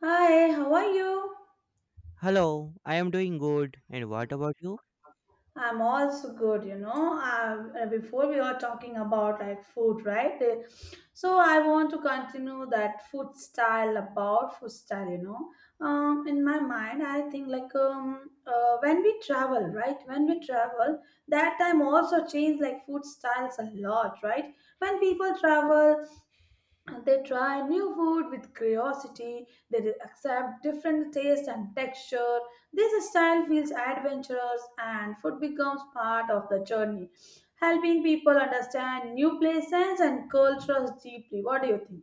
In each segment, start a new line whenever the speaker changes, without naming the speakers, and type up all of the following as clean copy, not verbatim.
Hi, how are you?
Hello, I am doing good. And what about you?
I'm also good, you know. Before we were talking about like food, right? So I want to continue that food style about food style, you know. In my mind, I think like when we travel, right? When we travel, that time also changed like food styles a lot, right? When people travel. And they try new food with curiosity. They will accept different taste and texture. This style feels adventurous and food becomes part of the journey, helping people understand new places and cultures deeply. What do you think?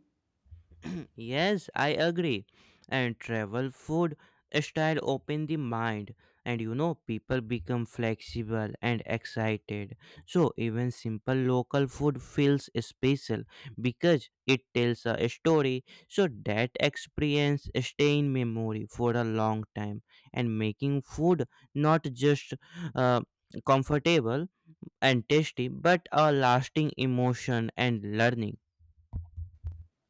Yes, I agree. And travel food style open the mind, and you know people become flexible and excited, so even simple local food feels special because it tells a story, so that experience stay in memory for a long time and making food not just uh, comfortable and tasty, but a lasting emotion and learning.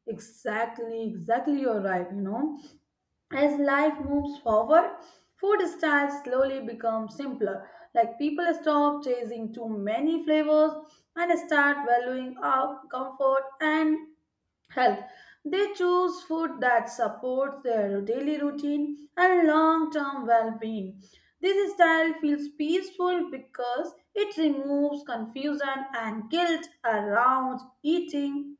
Exactly, exactly, you're right. You know, as life moves forward, food styles slowly become simpler. Like people stop chasing too many flavors and start valuing our comfort and health. They choose food that supports their daily routine and long term well being. This style feels peaceful because it removes confusion and guilt around eating.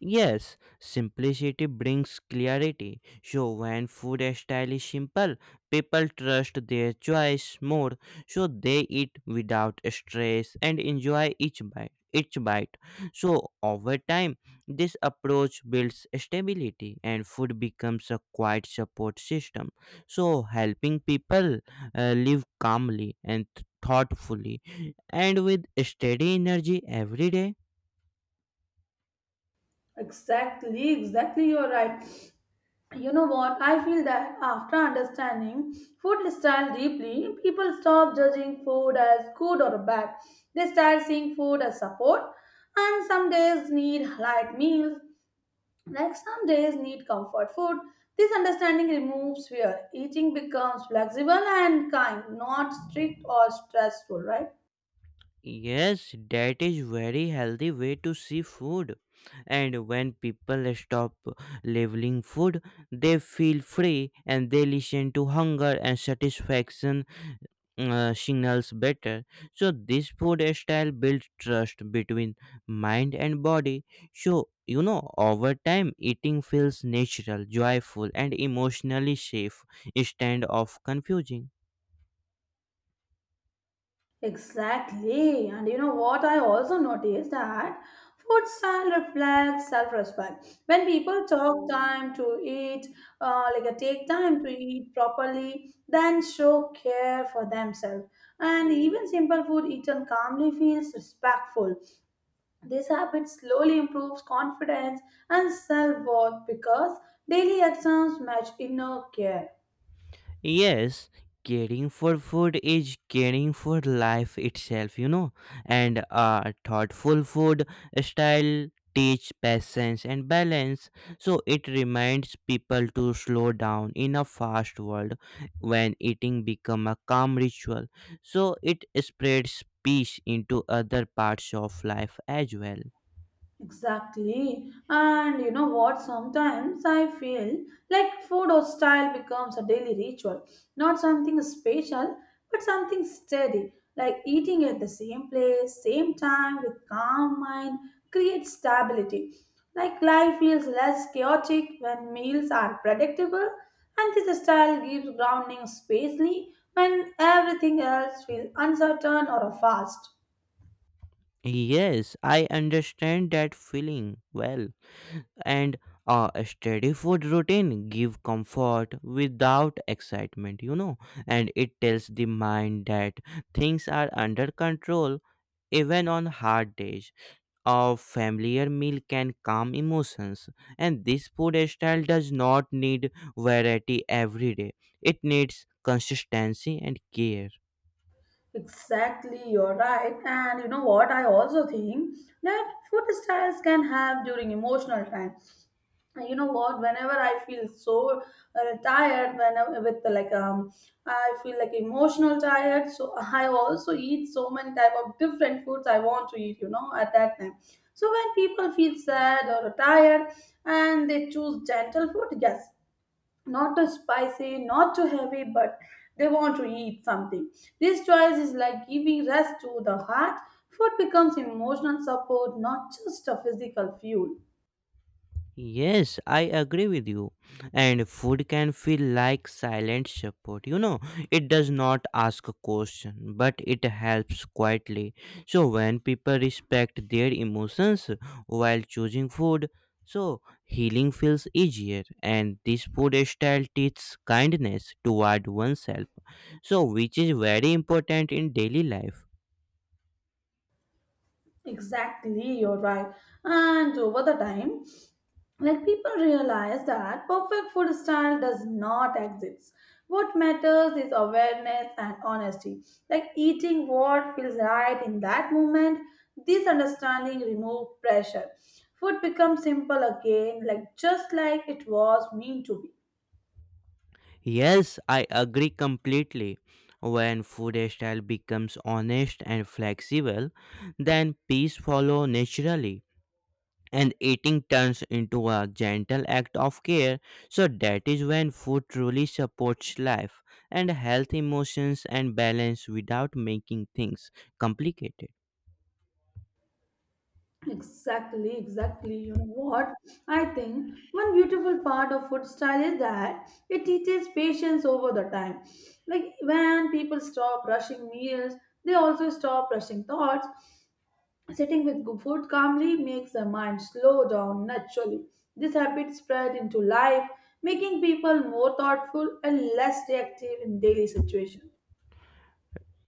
Yes, simplicity brings clarity. So when food style is simple, people trust their choice more, so they eat without stress and enjoy each bite. Each bite. So over time, this approach builds stability, and food becomes a quiet support system. So helping people live calmly and thoughtfully, and with steady energy every day.
Exactly, exactly, you're right. You know what? I feel that after understanding food style deeply, people stop judging food as good or bad. They start seeing food as support and some days need light meals. Like some days need comfort food, this understanding removes fear. Eating becomes flexible and kind, not strict or stressful, right?
Yes, that is very healthy way to see food. And when people stop labeling food, they feel free and they listen to hunger and satisfaction signals better. So this food style builds trust between mind and body. So you know, over time, eating feels natural, joyful, and emotionally safe instead of confusing.
Exactly. And you know what, I also noticed that food style reflects self-respect. When people talk time to eat, take time to eat properly, then show care for themselves. And even simple food eaten calmly feels respectful. This habit slowly improves confidence and self worth because daily actions match inner care.
Yes, caring for food is caring for life itself, you know. And a thoughtful food style teach patience and balance. So it reminds people to slow down in a fast world when eating become a calm ritual. So it spreads peace into other parts of life as well.
Exactly. And you know what? Sometimes I feel like food or style becomes a daily ritual, not something special, but something steady. Like eating at the same place, same time, with calm mind creates stability. Like life feels less chaotic when meals are predictable, and this style gives grounding spacely when everything else feels uncertain or fast.
Yes, I understand that feeling well. And a steady food routine give comfort without excitement, you know, and it tells the mind that things are under control. Even on hard days, a familiar meal can calm emotions, and this food style does not need variety every day. It needs consistency and care.
Exactly, you're right. And you know what? I also think that food styles can have during emotional time. And you know what? Whenever I feel so tired, whenever with like I feel like emotional tired. So I also eat so many type of different foods I want to eat. You know, at that time. So when people feel sad or tired and they choose gentle food, yes, not too spicy, not too heavy, but they want to eat something. This choice is like giving rest to the heart. Food becomes emotional support, not just a physical fuel.
Yes, I agree with you. And food can feel like silent support. You know, it does not ask a question, but it helps quietly. So, when people respect their emotions while choosing food, so healing feels easier. And this food style teaches kindness toward oneself, so which is very important in daily life.
Exactly, you're right. And over the time, like people realize that perfect food style does not exist, what matters is awareness and honesty, like eating what feels right in that moment. This understanding remove pressure. Food becomes simple again, like just like it was meant to be.
Yes, I agree completely. When food style becomes honest and flexible, then peace follow naturally, and eating turns into a gentle act of care. So that is when food truly supports life and health emotions and balance without making things complicated.
Exactly, exactly. You know what? I think one beautiful part of food style is that it teaches patience over the time. Like when people stop rushing meals, they also stop rushing thoughts. Sitting with good food calmly makes the mind slow down naturally. This habit spread into life, making people more thoughtful and less reactive in daily situations.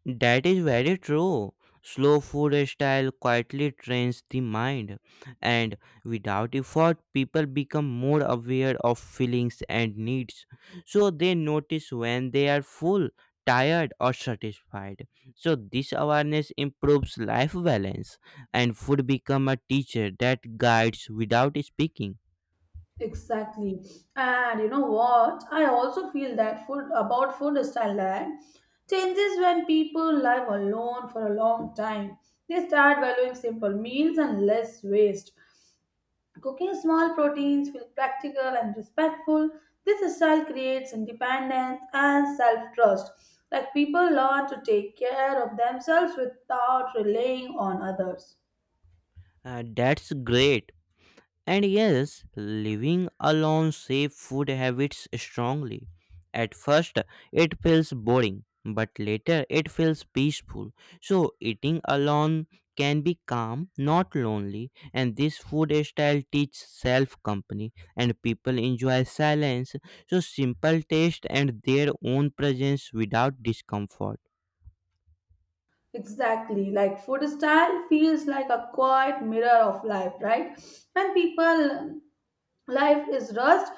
That is very true. Slow food style quietly trains the mind, and without effort, people become more aware of feelings and needs. So they notice when they are full, tired, or satisfied. So this awareness improves life balance, and food become a teacher that guides without speaking.
Exactly. And you know what? I also feel that food about food style that changes when people live alone for a long time. They start valuing simple meals and less waste. Cooking small proteins feels practical and respectful. This style creates independence and self trust. Like people learn to take care of themselves without relying on others.
That's great. And yes, living alone shapes food habits strongly. At first, it feels boring, but later it feels peaceful. So, eating alone can be calm, not lonely, and this food style teaches self company, and people enjoy silence. So, simple taste and their own presence without discomfort.
Exactly. Like food style feels like a quiet mirror of life, right? When people life is rushed,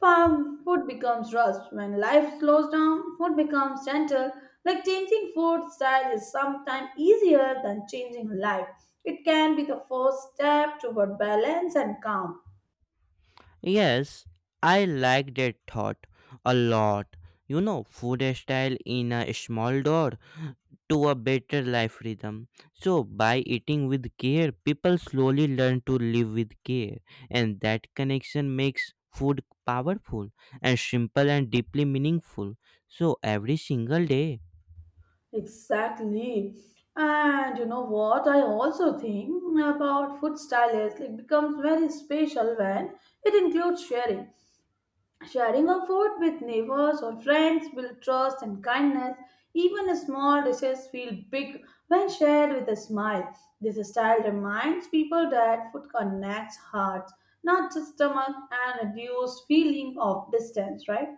farm food becomes rushed. When life slows down, food becomes gentle. Like changing food style is sometimes easier than changing life. It can be the first step toward balance and calm.
Yes, I like that thought a lot. You know, food style in a small door to a better life rhythm. So, by eating with care, people slowly learn to live with care, and that connection makes food powerful and simple and deeply meaningful. So, every single day,
Exactly. And you know what? I also think about food stylists. It becomes very special when it includes sharing. Sharing of food with neighbors or friends builds trust and kindness. Even small dishes feel big when shared with a smile. This style reminds people that food connects hearts, not just stomach, and reduces feeling of distance, right?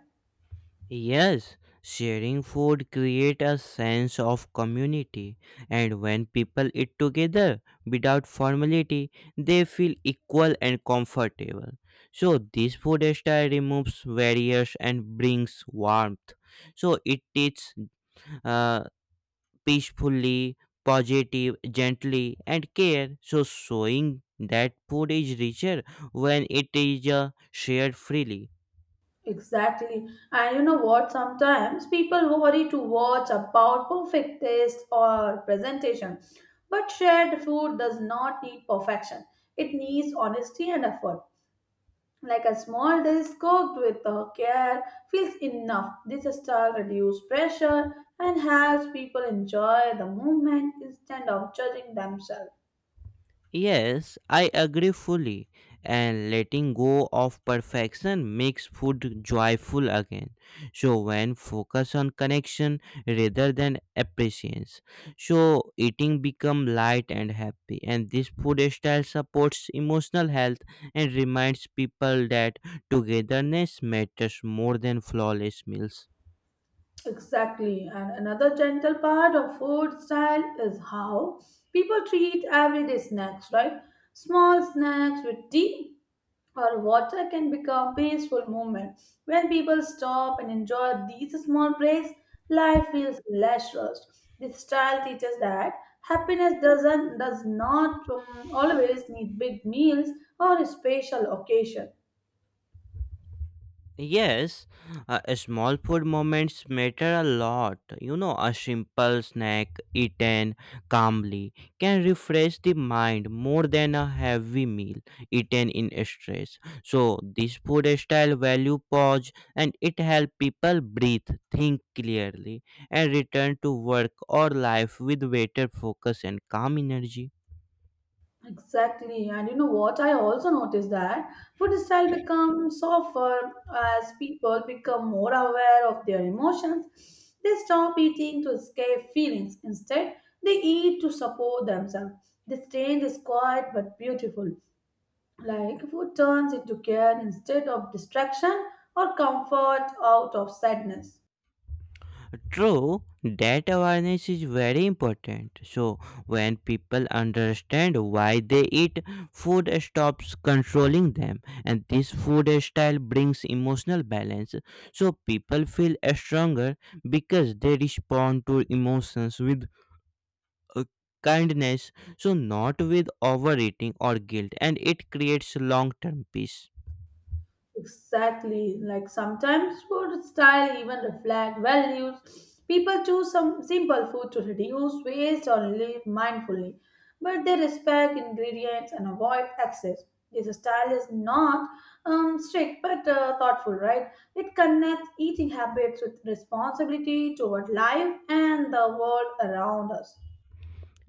Yes, sharing food create a sense of community, and when people eat together without formality they feel equal and comfortable. So this food style removes barriers and brings warmth. So it teaches uh, peacefully, positive, gently, and care. So showing that food is richer when it is shared freely.
Exactly. And you know what? Sometimes people worry to watch about perfect taste or presentation. But shared food does not need perfection, it needs honesty and effort. Like a small dish cooked with care feels enough. This style reduces pressure and helps people enjoy the moment instead of judging themselves.
Yes, I agree fully. And letting go of perfection makes food joyful again. So when focus on connection rather than appreciation, so eating become light and happy. And this food style supports emotional health and reminds people that togetherness matters more than flawless meals.
Exactly. And another gentle part of food style is how people treat everyday snacks, right? Small snacks with tea or water can become peaceful moment. When people stop and enjoy these small breaks, life feels less rushed. This style teaches that happiness does not always need big meals or special occasions.
Yes, small food moments matter a lot. You know, a simple snack eaten calmly can refresh the mind more than a heavy meal eaten in stress. So, this food style value pause and it helps people breathe, think clearly, and return to work or life with better focus and calm energy.
Exactly. And you know what? I also noticed that food style becomes softer as people become more aware of their emotions. They stop eating to escape feelings. Instead, they eat to support themselves. This change is quiet but beautiful. Like food turns into care instead of distraction or comfort out of sadness.
True, that awareness is very important. So, when people understand why they eat, food stops controlling them, and this food style brings emotional balance. So, people feel stronger because they respond to emotions with uh, kindness, so not with overeating or guilt, and it creates long term peace.
Exactly. Like sometimes food style even reflect values. People choose some simple food to reduce waste or live mindfully, but they respect ingredients and avoid excess. This style is not strict but thoughtful, right? It connects eating habits with responsibility toward life and the world around us.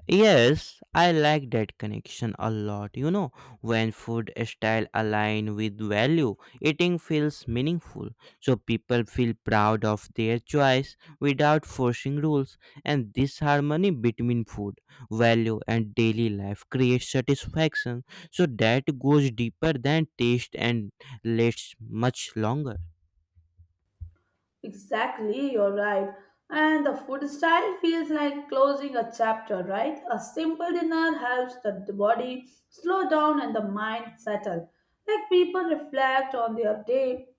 Yes, I like that connection a lot. You know, when food style align with value, eating feels meaningful. So people feel proud of their choice without forcing rules, and this harmony between food, value, and daily life creates satisfaction. So that goes deeper than taste and lasts much longer.
Exactly, you're right. And the food style feels like closing a chapter, right? A simple dinner helps the body slow down and the mind settle. Like people reflect on their day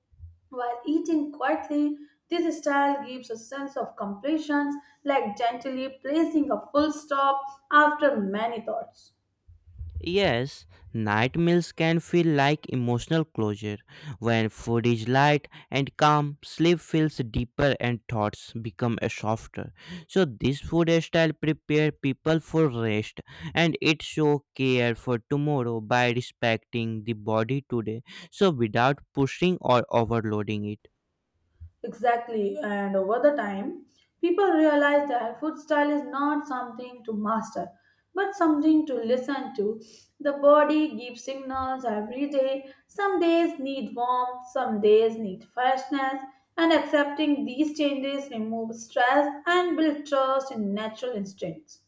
while eating quietly. This style gives a sense of completion, like gently placing a full stop after many thoughts.
Yes, night meals can feel like emotional closure. When food is light and calm, sleep feels deeper and thoughts become softer. So this food style prepare people for rest and it show care for tomorrow by respecting the body today, so without pushing or overloading it.
Exactly, and over the time, people realize that food style is not something to master, but something to listen to. The body gives signals every day. Some days need warmth, some days need freshness, and accepting these changes removes stress and builds trust in natural instincts.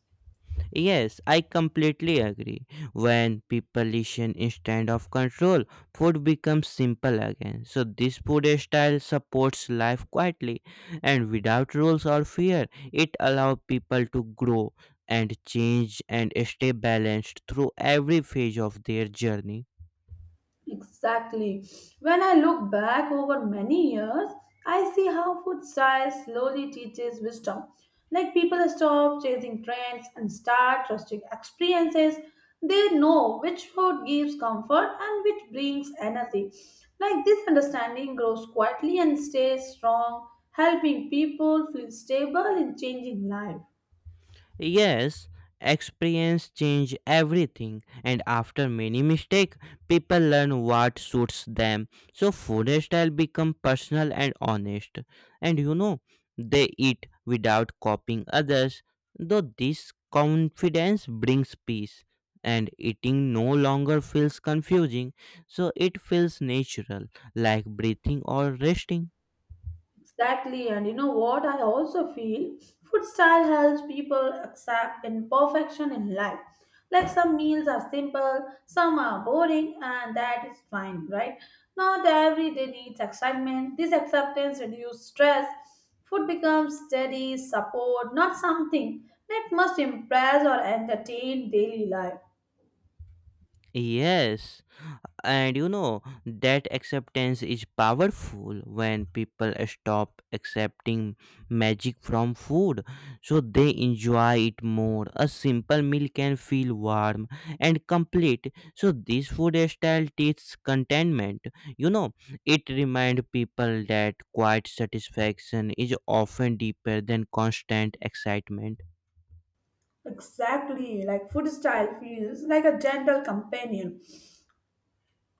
Yes, I completely agree. When population instead of control, food becomes simple again. So this food style supports life quietly and without rules or fear. It allows people to grow and change and stay balanced through every phase of their journey.
Exactly. When I look back over many years, I see how food style slowly teaches wisdom. Like people stop chasing trends and start trusting experiences. They know which food gives comfort and which brings energy. Like this understanding grows quietly and stays strong, helping people feel stable in changing life.
Yes, experience change everything, and after many mistake people learn what suits them. So food style become personal and honest. And you know, they eat without copying others. Though this confidence brings peace and eating no longer feels confusing, so it feels natural like breathing or resting.
Exactly, and you know what? I also feel food style helps people accept imperfection in life. Like some meals are simple, some are boring, and that is fine, right? Not every day needs excitement. This acceptance reduces stress. Food becomes steady support, not something that must impress or entertain daily life.
Yes. And you know that acceptance is powerful. When people stop accepting magic from food, so they enjoy it more. A simple meal can feel warm and complete, so this food style teaches contentment, you know. It reminds people that quiet satisfaction is often deeper than constant excitement.
Exactly, like food style feels like a gentle companion.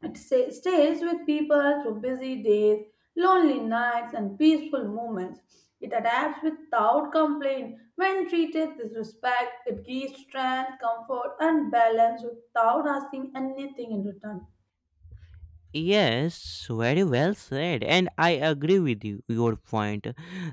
It stays with people through busy days, lonely nights, and peaceful moments. It adapts without complaint. When treated with respect, it gives strength, comfort, and balance without asking anything in return.
Yes, very well said, and I agree with you, your point.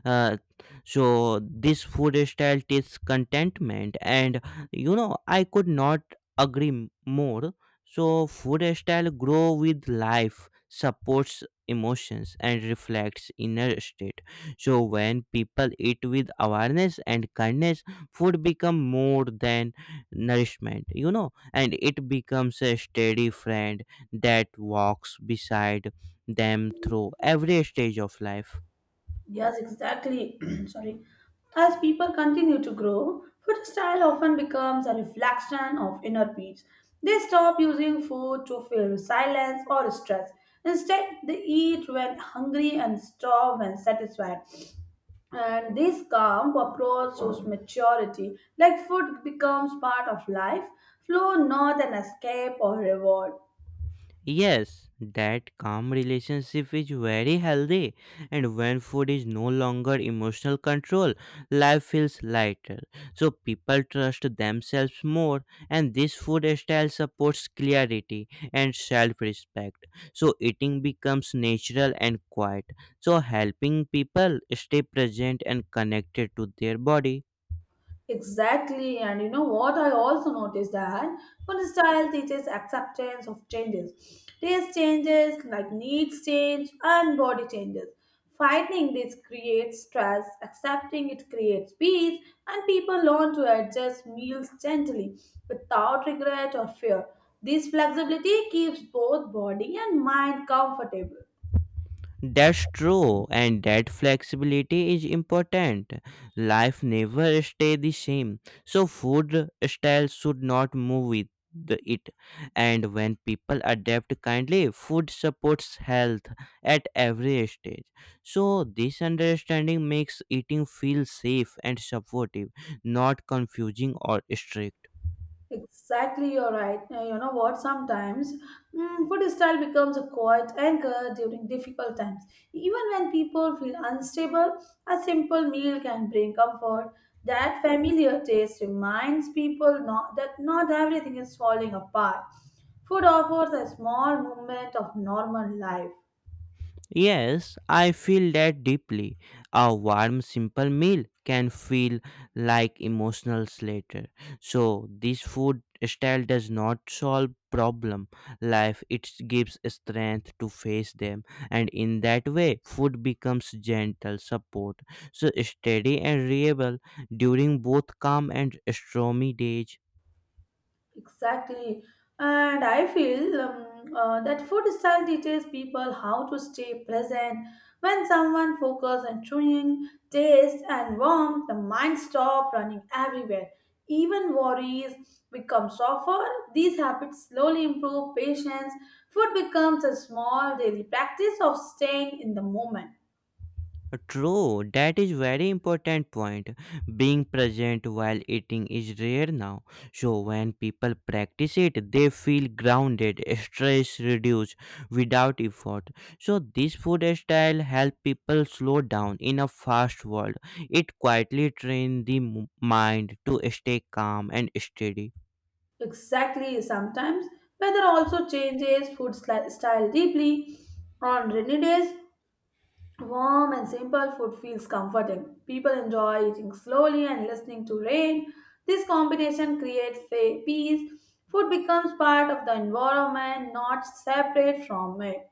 Uh, so this food style tastes contentment, and you know I could not agree more. So food style grow with life, supports emotions, and reflects inner state. So when people eat with awareness and kindness, food become more than nourishment, you know, and it becomes a steady friend that walks beside them through every stage of life.
Yes, exactly. Sorry. As people continue to grow, food style often becomes a reflection of inner peace. They stop using food to fill silence or stress. Instead, they eat when hungry and stop when satisfied. And this calm approach shows maturity, like food becomes part of life, flow, not an escape or reward.
Yes, that calm relationship is very healthy, and when food is no longer emotional control, life feels lighter. So people trust themselves more, and this food style supports clarity and self respect. So eating becomes natural and quiet, so helping people stay present and connected to their body.
Exactly, and you know what? I also noticed that food style teaches acceptance of changes. Taste changes, like needs change, and body changes. Fighting this creates stress, accepting it creates peace, and people learn to adjust meals gently without regret or fear. This flexibility keeps both body and mind comfortable.
That's true, and that flexibility is important. Life never stay the same, so food styles should not move with the, it. And when people adapt kindly, food supports health at every stage. So this understanding makes eating feel safe and supportive, not confusing or strict.
Exactly, you're right. You know what? Sometimes food style becomes a quiet anchor during difficult times. Even when people feel unstable, a simple meal can bring comfort. That familiar taste reminds people not, that not everything is falling apart. Food offers a small moment of normal life.
Yes, I feel that deeply. A warm, simple meal can feel like emotional later. So this food style does not solve problem life, it gives strength to face them, and in that way food becomes gentle support, so steady and reliable during both calm and stormy days.
Exactly. And I feel that food style teaches people how to stay present. When someone focuses on chewing, taste, and warmth, the mind stops running everywhere. Even worries become softer. These habits slowly improve patience. Food becomes a small daily practice of staying in the moment.
True, that is very important point. Being present while eating is rare now. So when people practice it, they feel grounded, stress reduced without effort. So this food style help people slow down in a fast world. It quietly train the mind to stay calm and steady.
Exactly, sometimes weather also changes style deeply. On rainy days, warm and simple food feels comforting. People enjoy eating slowly and listening to rain. This combination creates peace. Food becomes part of the environment, not separate from it.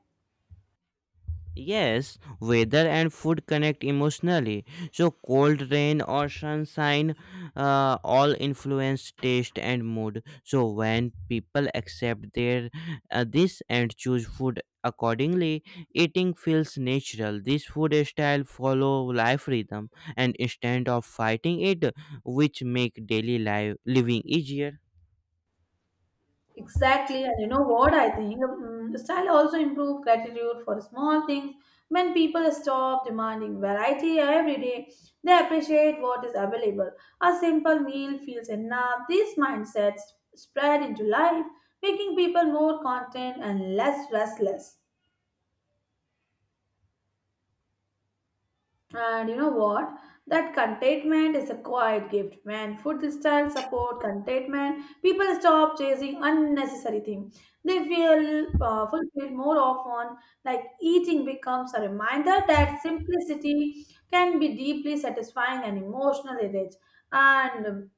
Yes, weather and food connect emotionally. So, cold rain or sunshine all influence taste and mood. So, when people accept their this and choose food accordingly, eating feels natural. This food style follow life rhythm and instead of fighting it, which make daily life living easier.
Exactly, and you know what I think? Style also improve gratitude for small things. When people stop demanding variety every day, they appreciate what is available. A simple meal feels enough. These mindsets spread into life, making people more content and less restless. And you know what? That contentment is a quiet gift. When food style support contentment, people stop chasing unnecessary things. They feel fulfilled more often. Like eating becomes a reminder that simplicity can be deeply satisfying and emotionally rich. And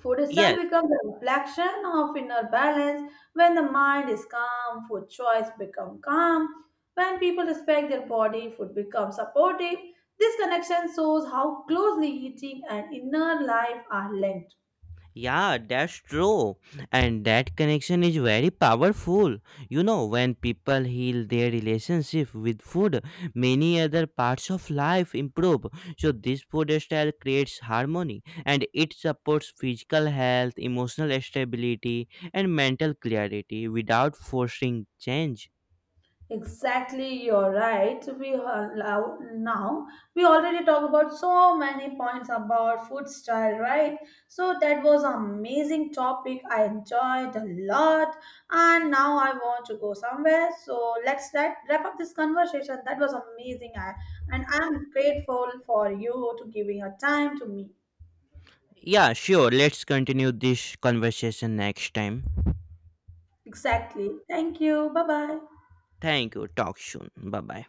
food itself
Yes,
becomes a reflection of inner balance. When the mind is calm, food choice become calm. When people respect their body, food becomes supportive. This connection shows how closely eating and inner life are linked.
yeah, that's true. And that connection is very powerful. You know, when people heal their relationship with food, many other parts of life improve. So, this food style creates harmony and it supports physical health, emotional stability, and mental clarity without forcing change.
Exactly, you're right. We allow now. We already talked about so many points about food style, right? So that was amazing topic. I enjoyed a lot, and now I want to go somewhere. So let's let wrap up this conversation. That was amazing, I, and I'm grateful for you to giving your time to me.
Yeah, sure. Let's continue this conversation next time.
Exactly. Thank you. Bye bye.
Thank you. Talk soon. Bye bye.